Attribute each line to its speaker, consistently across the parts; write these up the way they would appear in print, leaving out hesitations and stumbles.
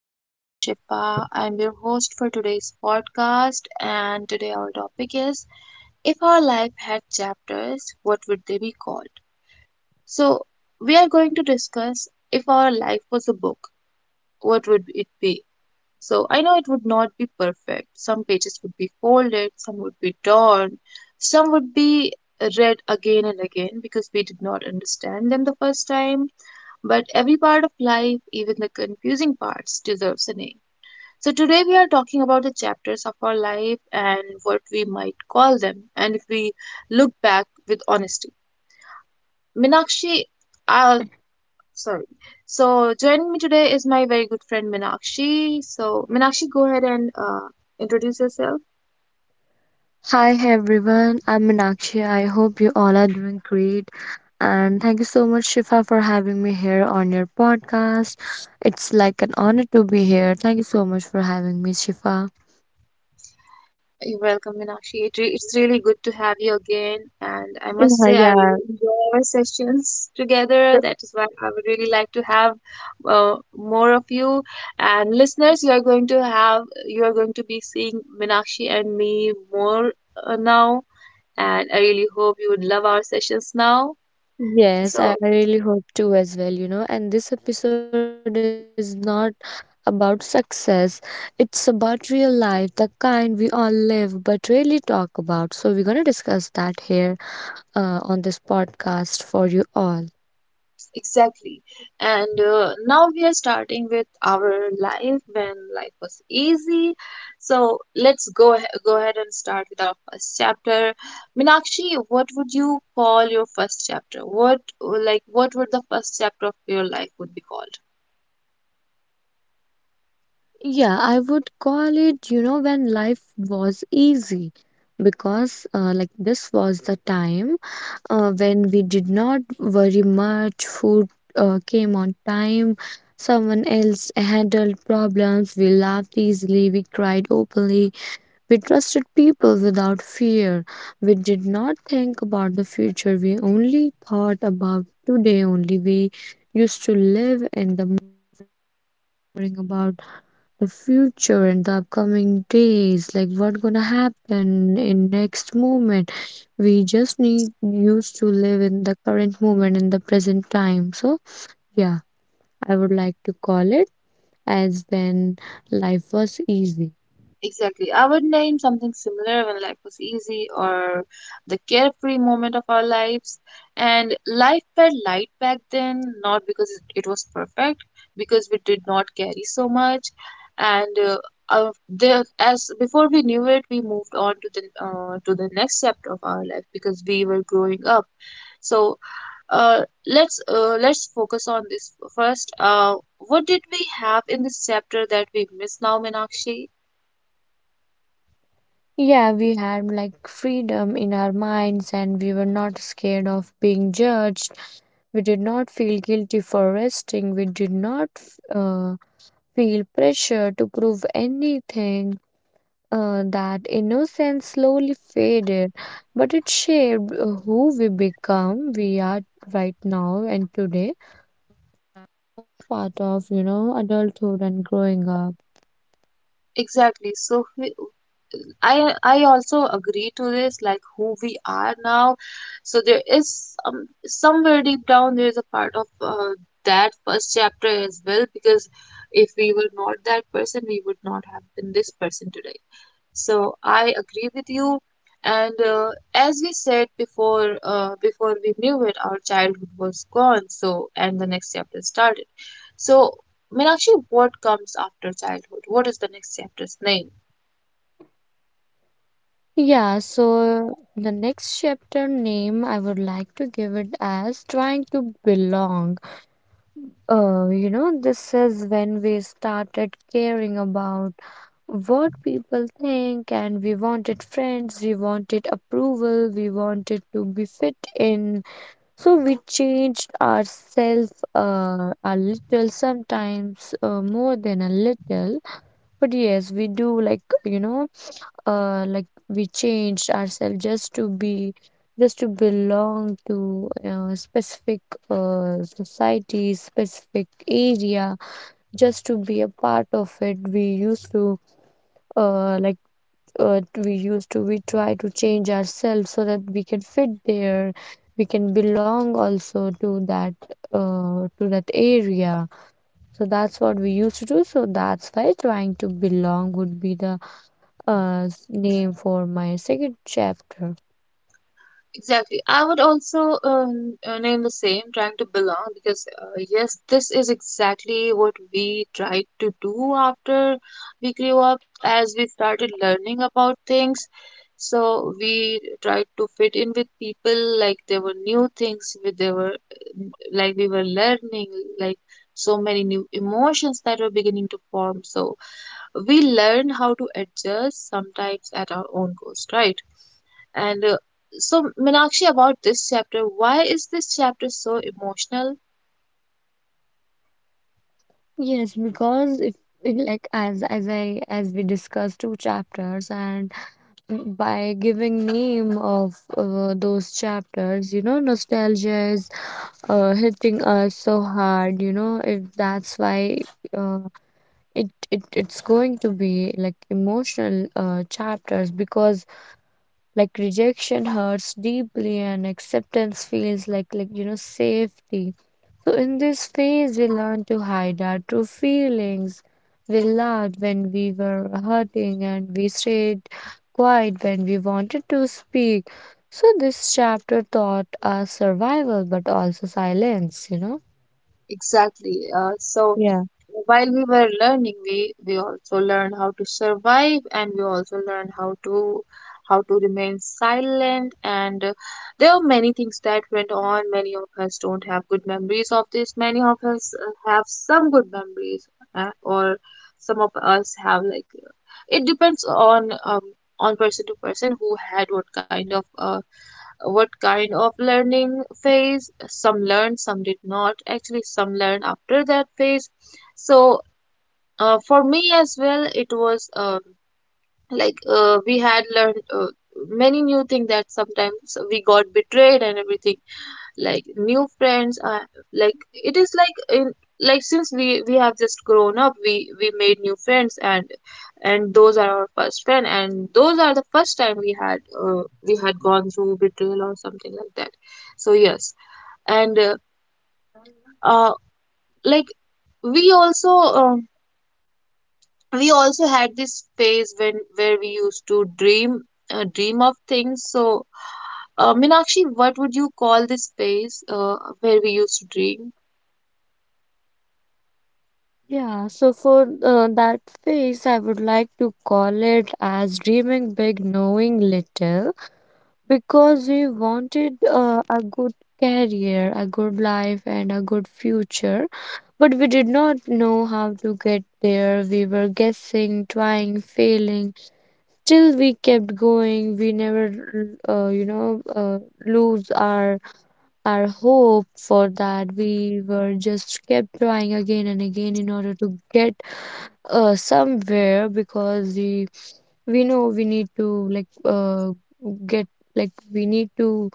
Speaker 1: my name is Shifa. I'm your host for today's podcast, and today our topic is if our life had chapters, what would they be called? So, we are going to discuss if our life was a book, what would it be? So I know it would not be perfect. Some pages would be folded, some would be torn, some would be read again and again because we did not understand them the first time. But every part of life, even the confusing parts, deserves a name. So today we are talking about the chapters of our life and what we might call them, and if we look back with honesty. Minakshi, sorry. So joining me today is my very good friend Minakshi. So Minakshi, go ahead and introduce yourself.
Speaker 2: Hi, hey, everyone, I'm Meenakshi. I hope you all are doing great. And thank you so much, Shifa, for having me here on your podcast. It's like an honor to be here. Thank you so much for having me, Shifa.
Speaker 1: You're welcome, Minakshi. It's really good to have you again, and I must
Speaker 2: Yeah,
Speaker 1: say I
Speaker 2: yeah.
Speaker 1: really enjoy our sessions together.
Speaker 2: Uh,
Speaker 1: That is why I would really like to have more of you. And listeners, you are going to have you are going to be seeing Minakshi and me more now, and I really hope you would love our sessions now.
Speaker 2: Yes,
Speaker 1: So
Speaker 2: I really hope to as well, you know. And this episode is not about success, it's about real life, the kind we all live but rarely talk about. So, we're gonna discuss that here on this podcast for you all.
Speaker 1: Exactly. And now we are starting with our life when life was easy. So let's go ahead and start with our first chapter, Minakshi, what would you call your first chapter? What would the first chapter of your life would be called?
Speaker 2: Yeah, I would call it, you know, when life was easy because like this was the time when we did not worry much, food came on time, someone else handled problems, we laughed easily, we cried openly, we trusted people without fear. We did not think about the future, we only thought about today only. We used to live in the morning about the future and the upcoming days, like what gonna happen in next moment. We just need used to live in the current moment in the present time. So yeah, I would like to call it as when life was easy.
Speaker 1: Exactly. I would name something similar when life was easy or the carefree moment of our lives. And life felt light back then, not because it was perfect, because we did not carry so much. And there, as before we knew it, we moved on to the to the next chapter of our life because we were growing up. So let's focus on this first. What did we have in this chapter that we miss now, Meenakshi?
Speaker 2: Yeah, we had like freedom in our minds and we were not scared of being judged. We did not feel guilty for resting. We did not feel pressure to prove anything. That innocence slowly faded, but it shaped who we become, we are right now and today, part of, you know, adulthood and growing up.
Speaker 1: Exactly. I also agree to this, like who we are now. So there is somewhere deep down there is a part of that first chapter as well, because if we were not that person, we would not have been this person today. So I agree with you. And as we said before, before we knew it, our childhood was gone. And the next chapter started. So Meenakshi, what comes after childhood? What is the next chapter's name?
Speaker 2: Yeah, so the next chapter name I would like to give it as trying to belong. You know, this is when we started caring about what people think, and we wanted friends, we wanted approval, we wanted to be fit in. So we changed ourselves a little, sometimes more than a little. But yes, we do, like, you know, like we changed ourselves just to be, just to belong to specific society, specific area, just to be a part of it. We used to uh, like we used to, we try to change ourselves so that we can fit there, we can belong also to that, to that area. So that's what we used to do, so that's why trying to belong would be the name for my second chapter.
Speaker 1: Exactly. I would also name the same, trying to belong, because yes, this is exactly what we tried to do after we grew up, as we started learning about things. So we tried to fit in with people, like there were new things, with there were like we were learning, like so many new emotions that were beginning to form. So we learn how to adjust sometimes at our own cost, right? And so, Minakshi, about this chapter, why is this chapter so emotional?
Speaker 2: Yes, because if it, like, as I, as we discussed two chapters, and by giving name of those chapters, you know, nostalgia is hitting us so hard, you know, if that's why uh, it's going to be like emotional chapters because like rejection hurts deeply and acceptance feels like you know, safety. So, in this phase, we learn to hide our true feelings. We laughed when we were hurting and we stayed quiet when we wanted to speak. So, this chapter taught us survival but also silence, you know.
Speaker 1: Exactly. So,
Speaker 2: Yeah.
Speaker 1: while we were learning, we also learn how to survive, and we also learn how to remain silent. And there are many things that went on. Many of us don't have good memories of this, many of us have some good memories, or some of us have, like, it depends on person to person, who had what kind of learning phase. Some learned, some did not, actually some learned after that phase. So for me as well, it was like, we had learned many new things, that sometimes we got betrayed and everything. Like new friends, like, it is like in, like, since we have just grown up, we made new friends, and those are our first friend and those are the first time we had gone through betrayal or something like that. So yes. And uh like, we also, we also had this phase when where we used to dream, of things. So Meenakshi, what would you call this phase, where we used to dream?
Speaker 2: Yeah, so for that phase, I would like to call it as dreaming big, knowing little, because we wanted a good career, a good life, and a good future. But we did not know how to get there. We were guessing, trying, failing. Still, we kept going. We never, uh, you know, uh, lose our hope for that. We were just kept trying again and again in order to get somewhere because we know we need to, like, get, like, we need to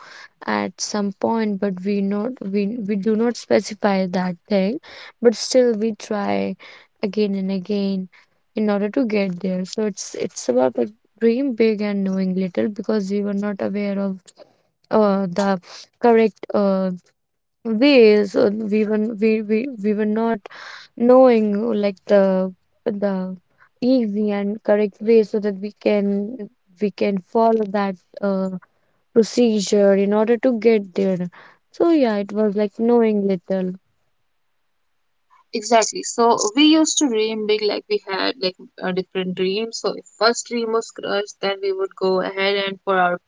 Speaker 2: at some point, but we not, we we do not specify that thing, but still we try again and again in order to get there. So it's about like dream big and knowing little because we were not aware of the correct ways. Uh, we were n- we, we we were not knowing, like, the easy and correct way so that we can, we can follow that uh, procedure in order to get there. So yeah, it was like knowing little.
Speaker 1: Exactly. So we used to dream big, like we had, like, different dreams. So if first dream was crush, then we would go ahead, and for our,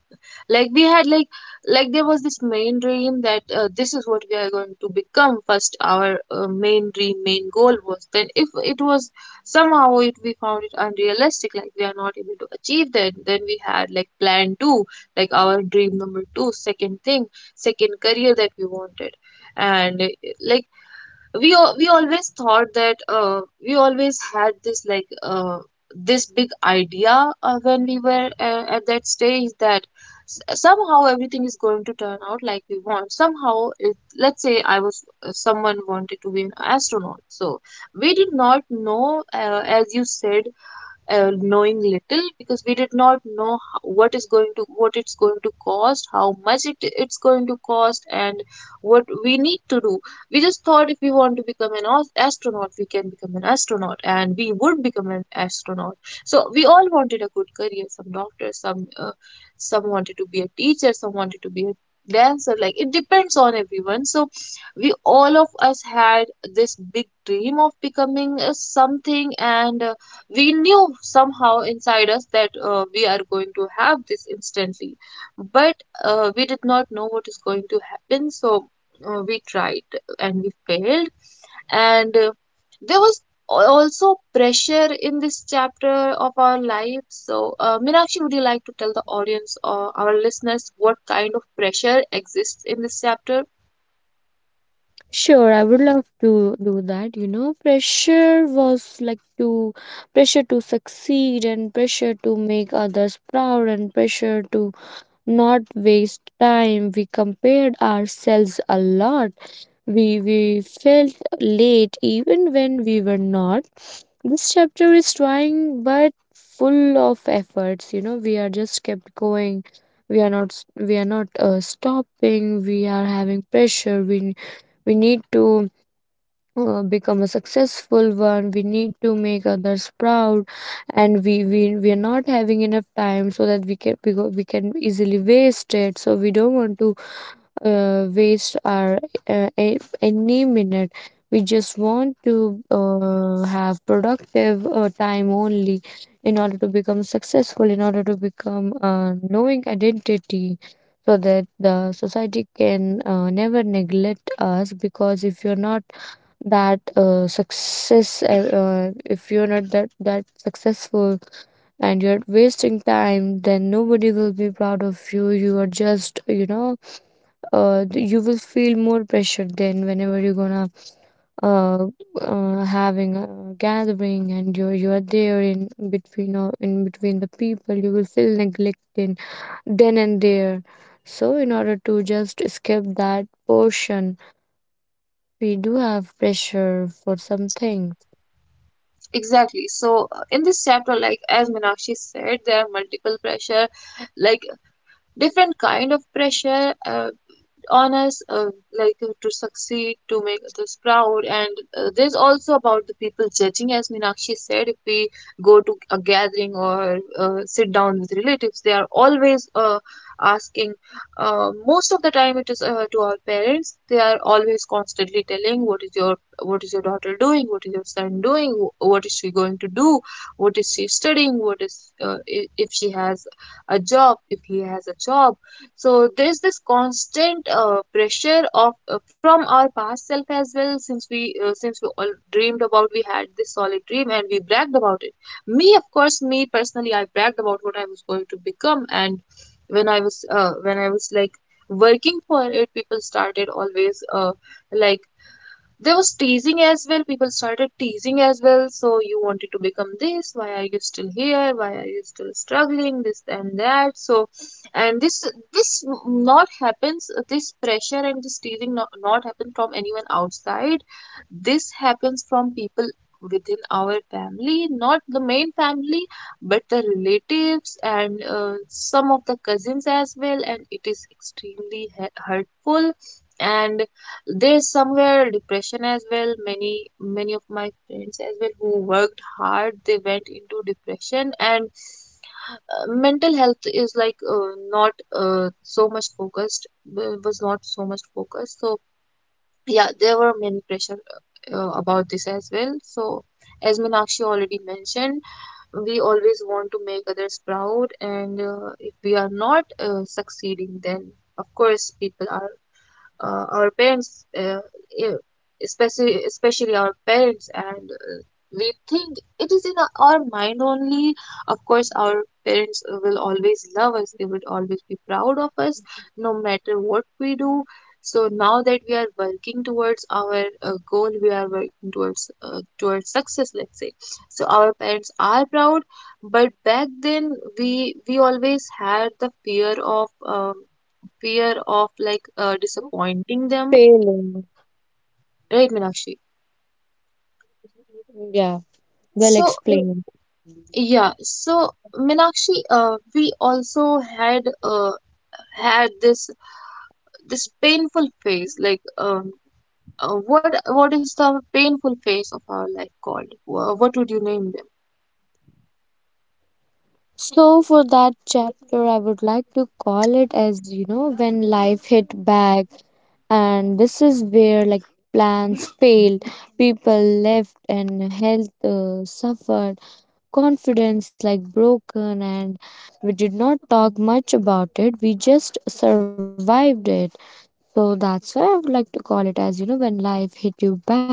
Speaker 1: like we had like, there was this main dream that, this is what we are going to become first. Our main dream, main goal was, then if it was somehow, it we found it unrealistic, like we are not able to achieve that, then we had like plan 2, like our dream number 2, second thing, second career that we wanted. And like, we always thought that, we always had this, this big idea, when we were, at that stage, that somehow everything is going to turn out like we want somehow. Let's say, I was someone wanted to be an astronaut. So we did not know, as you said, knowing little, because we did not know what is going to, what it's going to cost, how much it's going to cost, and what we need to do. We just thought if we want to become an astronaut, we can become an astronaut, and we would become an astronaut. So we all wanted a good career, some doctors, some wanted to be a teacher, some wanted to be a dancer. Like, it depends on everyone. So we, all of us, had this big dream of becoming something. And we knew somehow inside us that, we are going to have this instantly. But we did not know what is going to happen. So we tried, and we failed. And there was also pressure in this chapter of our life. So Meenakshi, would you like to tell the audience or our listeners what kind of pressure exists in this chapter?
Speaker 2: Sure, I would love to do that. You know, pressure was like to, pressure to succeed, and pressure to make others proud, and pressure to not waste time. We compared ourselves a lot. We felt late even when we were not. This chapter is trying but full of efforts. You know, we are just kept going. We are not we are not stopping. We are having pressure. We need to become a successful one, we need to make others proud, and we are not having enough time so that we can, we can easily waste it. So we don't want to waste our any minute. We just want to have productive time only in order to become successful, in order to become a knowing identity so that the society can never neglect us. Because if you're not that success, if you're not that, that successful and you're wasting time, then nobody will be proud of you. You are just, you know, you will feel more pressure. Then whenever you're gonna uh, having a gathering and you are there in between, or in between the people, you will feel neglected then and there. So in order to just escape that portion, we do have pressure for something.
Speaker 1: Exactly. So in this chapter, like as Meenakshi said, there are multiple pressure, like different kind of pressure on us, like, to succeed, to make others proud. And there's also about the people judging, as Meenakshi said, if we go to a gathering or sit down with relatives, they are always asking. Most of the time it is to our parents, they are always constantly telling, what is your, daughter doing, what is your son doing, what is she going to do, what is she studying, what is, if she has a job, if he has a job. So there's this constant pressure of from our past self as well, since we, all dreamed about, we had this solid dream, and we bragged about it. Me, of course, me personally, I bragged about what I was going to become. And when I was, like working for it, people started always, like there was teasing as well. People started teasing as well. So, you wanted to become this, why are you still here, why are you still struggling, this and that. So, and this, not happens. This pressure and this teasing not happen from anyone outside. This happens from people within our family, not the main family, but the relatives and some of the cousins as well. And it is extremely hurtful. And there's somewhere depression as well. Many many of my friends as well who worked hard, they went into depression. And mental health is like not so much focused, was not so much focused. So yeah, there were many pressure about this as well. So, as Minakshi already mentioned, we always want to make others proud, and if we are not succeeding, then of course people are, our parents, e- especially especially our parents, and we think it is in our mind only. Of course, our parents will always love us. They would always be proud of us, no matter what we do. So now that we are working towards our goal, we are working towards success, let's say. So our parents are proud. But back then we always had the fear of, fear of disappointing them,
Speaker 2: Failing.
Speaker 1: right, Meenakshi?
Speaker 2: Yeah, well
Speaker 1: So uh,
Speaker 2: explained.
Speaker 1: yeah. So Meenakshi, we also had had this painful phase. Like, what, is the painful phase of our life called? What would you name?
Speaker 2: So for that chapter, I would like to call it as, you know, when life hit back. And this is where, like, plans failed, people left, and health suffered, confidence like broken, and we did not talk much about it. We just survived it. So that's why I would like to call it as, you know, when life hit you back.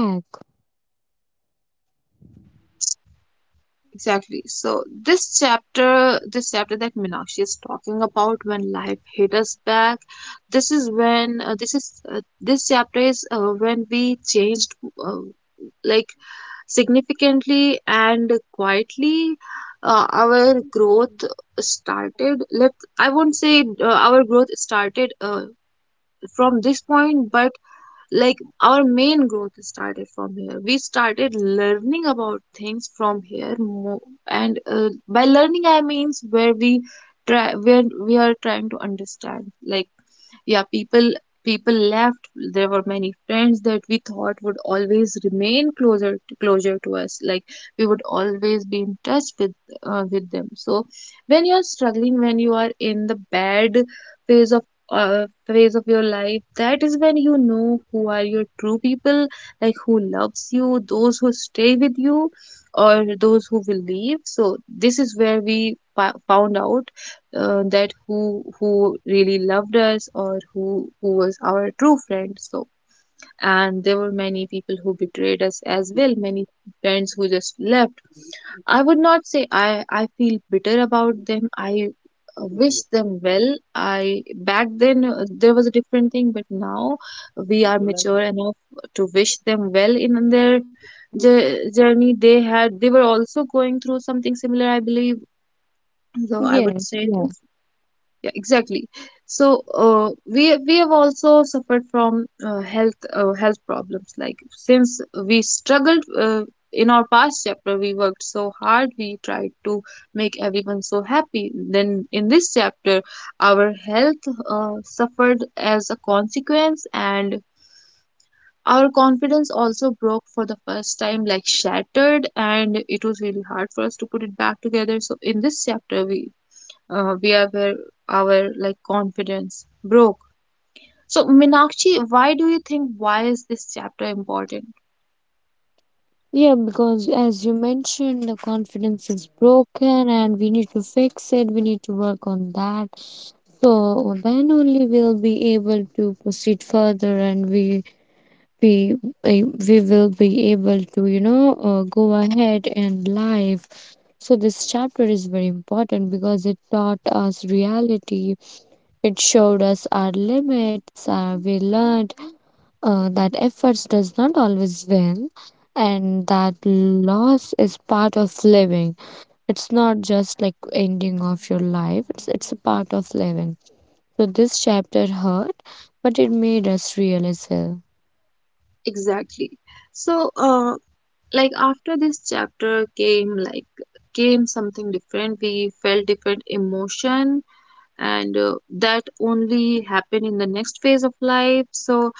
Speaker 1: Exactly. So this chapter that Minakshi is talking about, when life hit us back, this is when, this chapter is, when we changed, uh, like, significantly and quietly. Our growth started. Let I won't say our growth started from this point, but like our main growth started from here. We started learning about things from here and by learning I means where try where we are trying to understand, like yeah, people people left. There were many friends that we thought would always remain closer to us, like we would always be in touch with them. So when you are struggling, when you are in the bad phase of phase of your life, that is when you know who are your true people, like who loves you, those who stay with you or those who will leave. So this is where we found out that who really loved us or who was our true friend. So, and there were many people who betrayed us as well, many friends who just left. I would not say I feel bitter about them. I wish them well. I back then, there was a different thing, but now we are mature enough to wish them well in their journey. They were also going through something similar, I believe. So I would
Speaker 2: Yes,
Speaker 1: say
Speaker 2: yeah.
Speaker 1: this. Yeah, exactly. So we have also suffered from health problems. Like since we struggled in our past chapter, we worked so hard. We tried to make everyone so happy. Then in this chapter, our health suffered as a consequence, and our confidence also broke for the first time, like shattered, and it was really hard for us to put it back together. So in this chapter, we where were our like confidence broke. So Minakshi, why do you think, why is this chapter important?
Speaker 2: Yeah, because as you mentioned, the confidence is broken and we need to fix it. We need to work on that. So then only we'll be able to proceed further, and we, we eh, we will be able to, you know, go ahead in life. So this chapter is very important because it taught us reality, it showed us our limits. We learned that efforts does not always win, and that loss is part of living. It's not just like ending of your life, it's a part of living. So this chapter hurt, but it made us real as well.
Speaker 1: Exactly. So, like after this chapter came, like came something different. We felt different emotion, and that only happened in the next phase of life. So,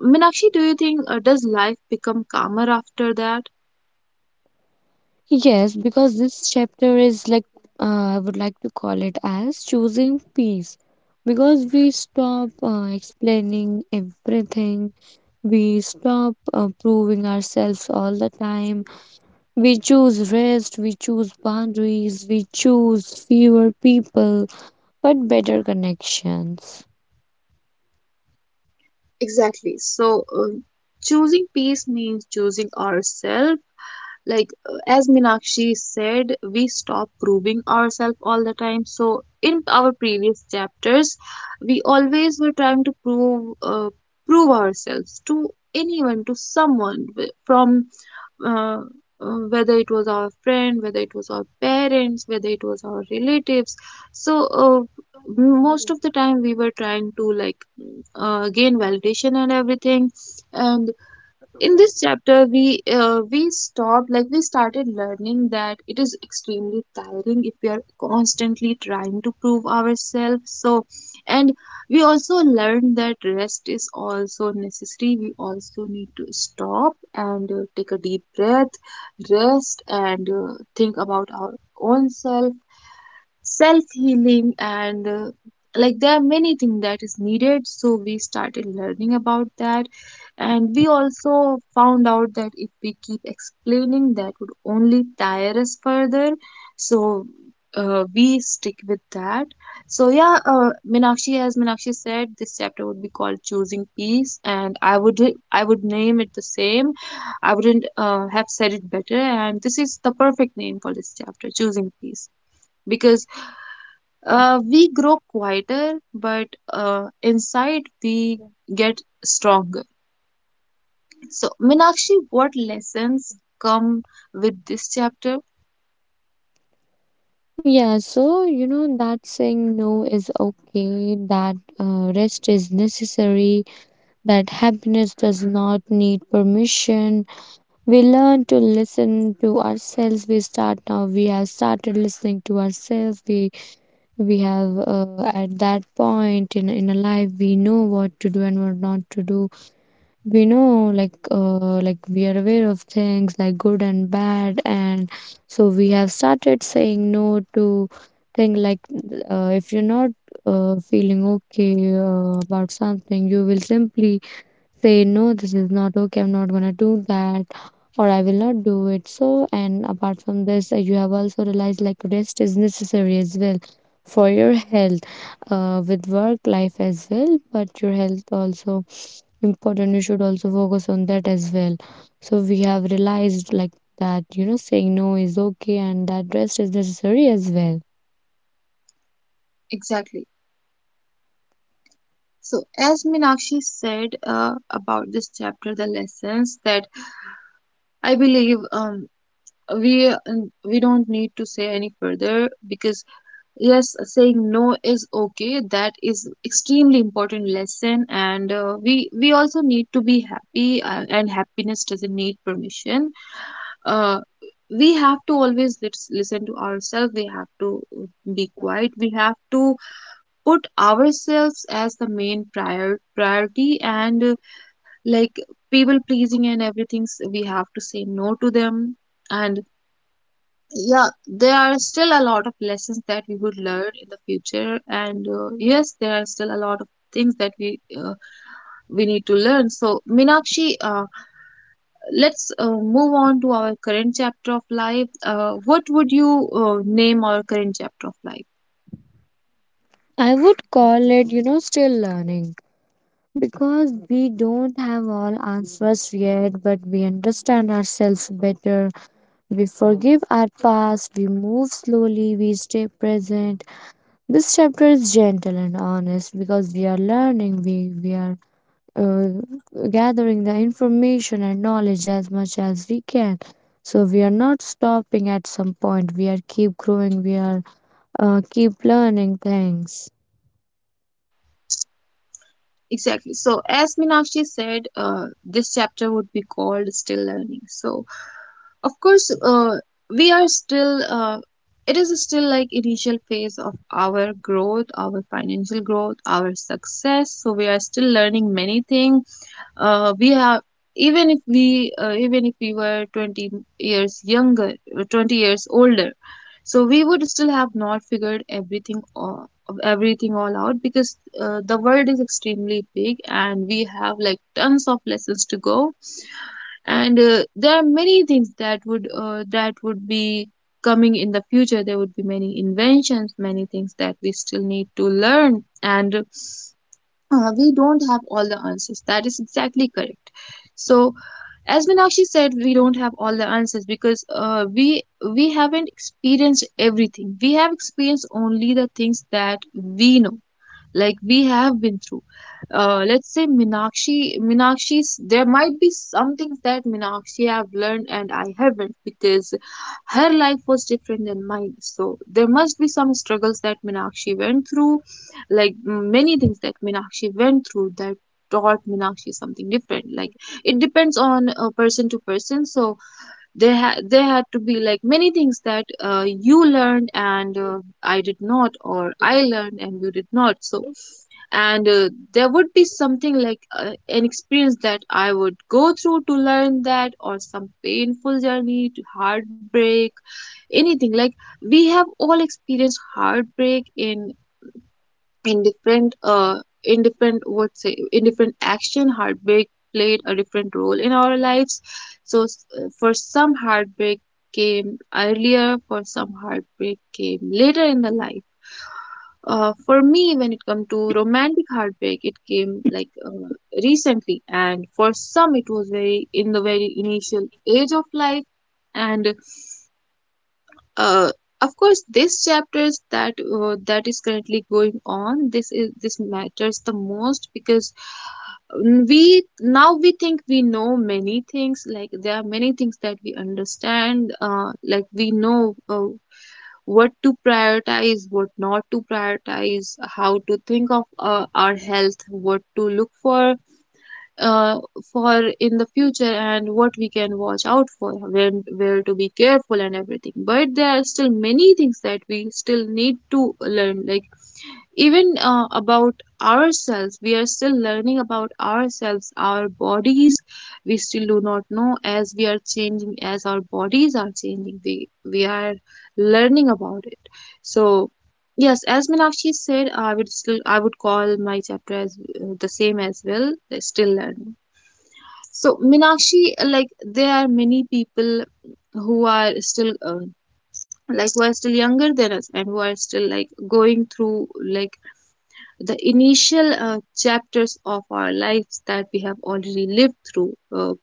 Speaker 1: Minakshi, do you think does life become calmer after that?
Speaker 2: Yes, because this chapter is like, I would like to call it as choosing peace, because we stop explaining everything. We stop proving ourselves all the time. We choose rest, we choose boundaries, we choose fewer people, but better connections.
Speaker 1: Exactly. So, choosing peace means choosing ourselves, like as Minakshi said, we stop proving ourselves all the time. So in our previous chapters, we always were trying to prove ourselves to anyone, to someone from uh, whether it was our friend, whether it was our parents, whether it was our relatives. So most of the time we were trying to like gain validation and everything, and in this chapter we stopped, like we started learning that it is extremely tiring if we are constantly trying to prove ourselves. So and we also learned that rest is also necessary. We also need to stop and take a deep breath, rest, and think about our own self, self healing, and like there are many things that is needed, so we started learning about that. And we also found out that if we keep explaining, that would only tire us further. So we stick with that. So yeah, minakshi as minakshi said, this chapter would be called choosing peace, and I would name it the same. I wouldn't have said it better, and this is the perfect name for this chapter, choosing peace, because we grow quieter, but inside we get stronger. So, Minakshi, what lessons come with this chapter?
Speaker 2: Yeah, so you know that saying no is okay, that rest is necessary, that happiness does not need permission. We learn to listen to ourselves. We start now, we have started listening to ourselves. We have, at that point in a life, we know what to do and what not to do. We know, like, like we are aware of things like good and bad. And so we have started saying no to thing like, if you're not feeling okay about something, you will simply say no, this is not okay, I'm not gonna do that, or I will not do it. So, and apart from this, you have also realized like rest is necessary as well for your health, with work life as well, but your health also important. You should also focus on that as well. So we have realized, like, that, you know, saying no is okay, and that rest is necessary as well.
Speaker 1: Exactly. So, as Minakshi said about this chapter, the lessons that I believe we uh, we don't need to say any further, because yes, saying no is okay, that is extremely important lesson, and we also need to be happy, and happiness doesn't need permission. uh, we have to always listen to ourselves. We have to be quiet. We have to put ourselves as the main priority, and like people pleasing and everything, we have to say no to them. And yeah, there are still a lot of lessons that we would learn in the future, and yes, there are still a lot of things that we need to learn. So Minakshi, let's move on to our current chapter of life. What would you name our current chapter of life?
Speaker 2: I would call it, you know, still learning. Because we don't have all answers yet, but we understand ourselves better. We forgive our past, we move slowly, we stay present. This chapter is gentle and honest because we are learning, we are uh, gathering the information and knowledge as much as we can. So we are not stopping at some point, we are keep growing, we are keep learning things.
Speaker 1: Exactly. So, as Meenakshi said, this chapter would be called Still Learning. So, of course, we are still, it is still like initial phase of our growth, our financial growth, our success. So, we are still learning many things. We have Even if we even if we were 20 years younger, 20 years older, so we would still have not figured everything all out, because the world is extremely big and we have like tons of lessons to go, and there are many things that would be coming in the future. There would be many inventions, many things that we still need to learn, and we don't have all the answers. That is exactly correct. So, as Minakshi said, we don't have all the answers because we haven't experienced everything. We have experienced only the things that we know, like we have been through. Let's say Minakshi, Meenakshi's, there might be some things that Minakshi have learned and I haven't, because her life was different than mine. So there must be some struggles that Minakshi went through, like many things that Minakshi went through that taught Minakshi something different. Like it depends on person to person. So there had to be like many things that you learned and I did not, or I learned and you did not. So and there would be something like an experience that I would go through to learn that, or some painful journey to heartbreak, anything. Like we have all experienced heartbreak in different, what say, in different action, heartbreak played a different role in our lives. So for some, heartbreak came earlier, for some heartbreak came later in the life. For me, when it comes to romantic heartbreak, it came like recently, and for some it was very in the very initial age of life. And uh, of course, this chapters that that is currently going on, this is, this matters the most, because we now, we think we know many things, like there are many things that we understand, like we know, what to prioritize, what not to prioritize, how to think of our health, what to look for, uh, for in the future, and what we can watch out for, when, where to be careful and everything, but there are still many things that we still need to learn, like even about ourselves, we are still learning about ourselves, our bodies. We still do not know. As we are changing, as our bodies are changing, we are learning about it. So yes, as Meenakshi said, I would call my chapter as the same as well, still learning. So, Minakshi, like there are many people who are still like who are still younger than us, and who are still like going through like the initial chapters of our lives that we have already lived through.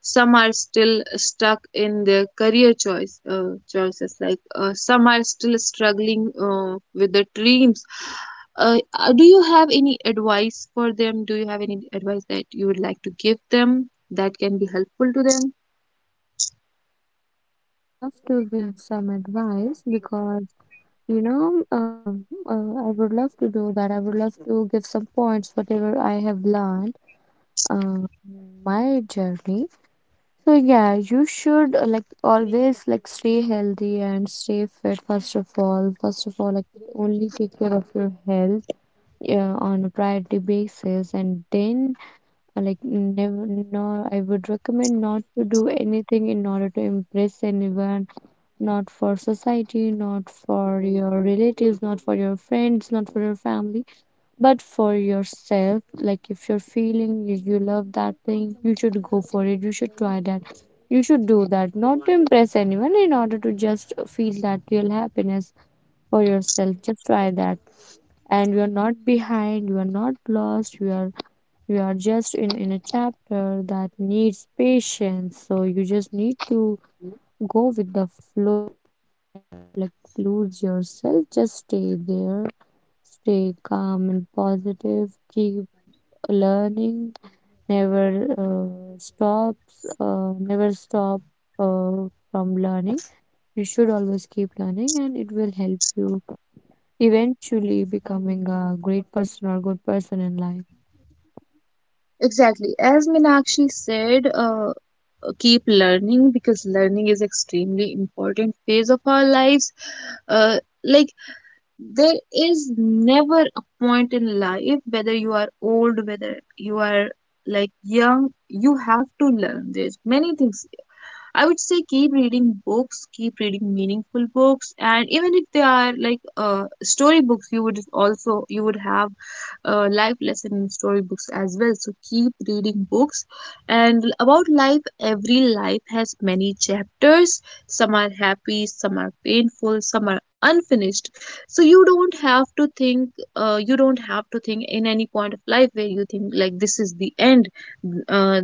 Speaker 1: Some are still stuck in their career choices, like some are still struggling with their dreams. Do you have any advice for them? Do you have any advice that you would like to give them that can be helpful to them?
Speaker 2: Yes, I would love to give some advice because, you know, I would love to do that. I would love to give some points, whatever I have learned uh, in my journey. So yeah, you should, like, always, like, stay healthy and stay fit first of all. First of all, like, only take care of your health, yeah, on a priority basis. And then like, never, no, I would recommend not to do anything in order to impress anyone, not for society, not for your relatives, not for your friends, not for your family, but for yourself. Like if you're feeling you, you love that thing, you should go for it. You should try that. You should do that, not to impress anyone, in order to just feel that real happiness for yourself. Just try that, and you are not behind. You are not lost. You are, you are just in a chapter that needs patience. So you just need to go with the flow, like, lose yourself, just stay there, stay calm and positive, keep learning, never stop from learning. You should always keep learning, and it will help you eventually becoming a great person or good person in life.
Speaker 1: Exactly, as Minakshi said, keep learning, because learning is extremely important phase of our lives. uh, like there is never a point in life, whether you are old, whether you are like young, you have to learn. There's many things. I would say keep reading books, keep reading meaningful books, and even if they are like story books, you would have life lesson in story books as well. So keep reading books, and about life, every life has many chapters. Some are happy, some are painful, some are unfinished. So you don't have to think. You don't have to think in any point of life where you think like this is the end, uh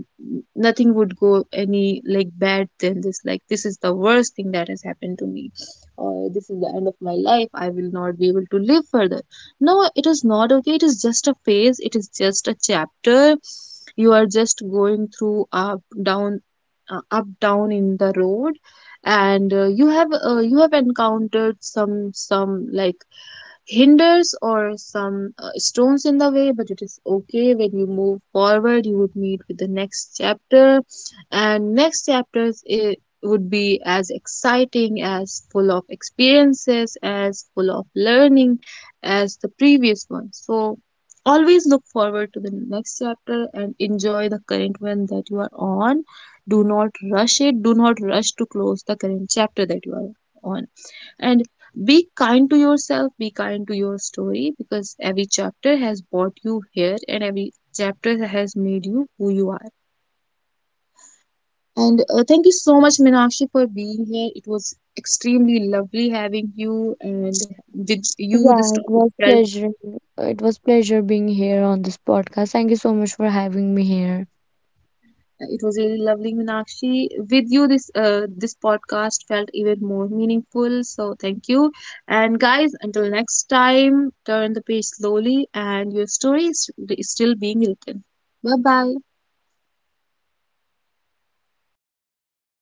Speaker 1: nothing would go any like bad than this, like this is the worst thing that has happened to me, or this is the end of my life, I will not be able to live further. No, it is not okay, it is just a phase, it is just a chapter. You are just going through up down, up down in the road, and you have encountered some like hinders, or some stones in the way, but it is okay when you move forward. You would meet with the next chapter, and next chapters, it would be as exciting, as full of experiences, as full of learning as the previous one. So always look forward to the next chapter and enjoy the current one that you are on. Do not rush it. Do not rush to close the current chapter that you are on, and be kind to yourself, be kind to your story, because every chapter has brought you here and every chapter has made you who you are. And thank you so much Minakshi for being here. It was extremely lovely having you, and with you this
Speaker 2: Yeah, it
Speaker 1: topic
Speaker 2: was
Speaker 1: felt.
Speaker 2: pleasure. It was pleasure being here on this podcast. Thank you so much for having me here.
Speaker 1: It was really lovely, Meenakshi. With you, this this podcast felt even more meaningful. So thank you, and guys, until next time, turn the page slowly, and your story is still being written. Bye bye.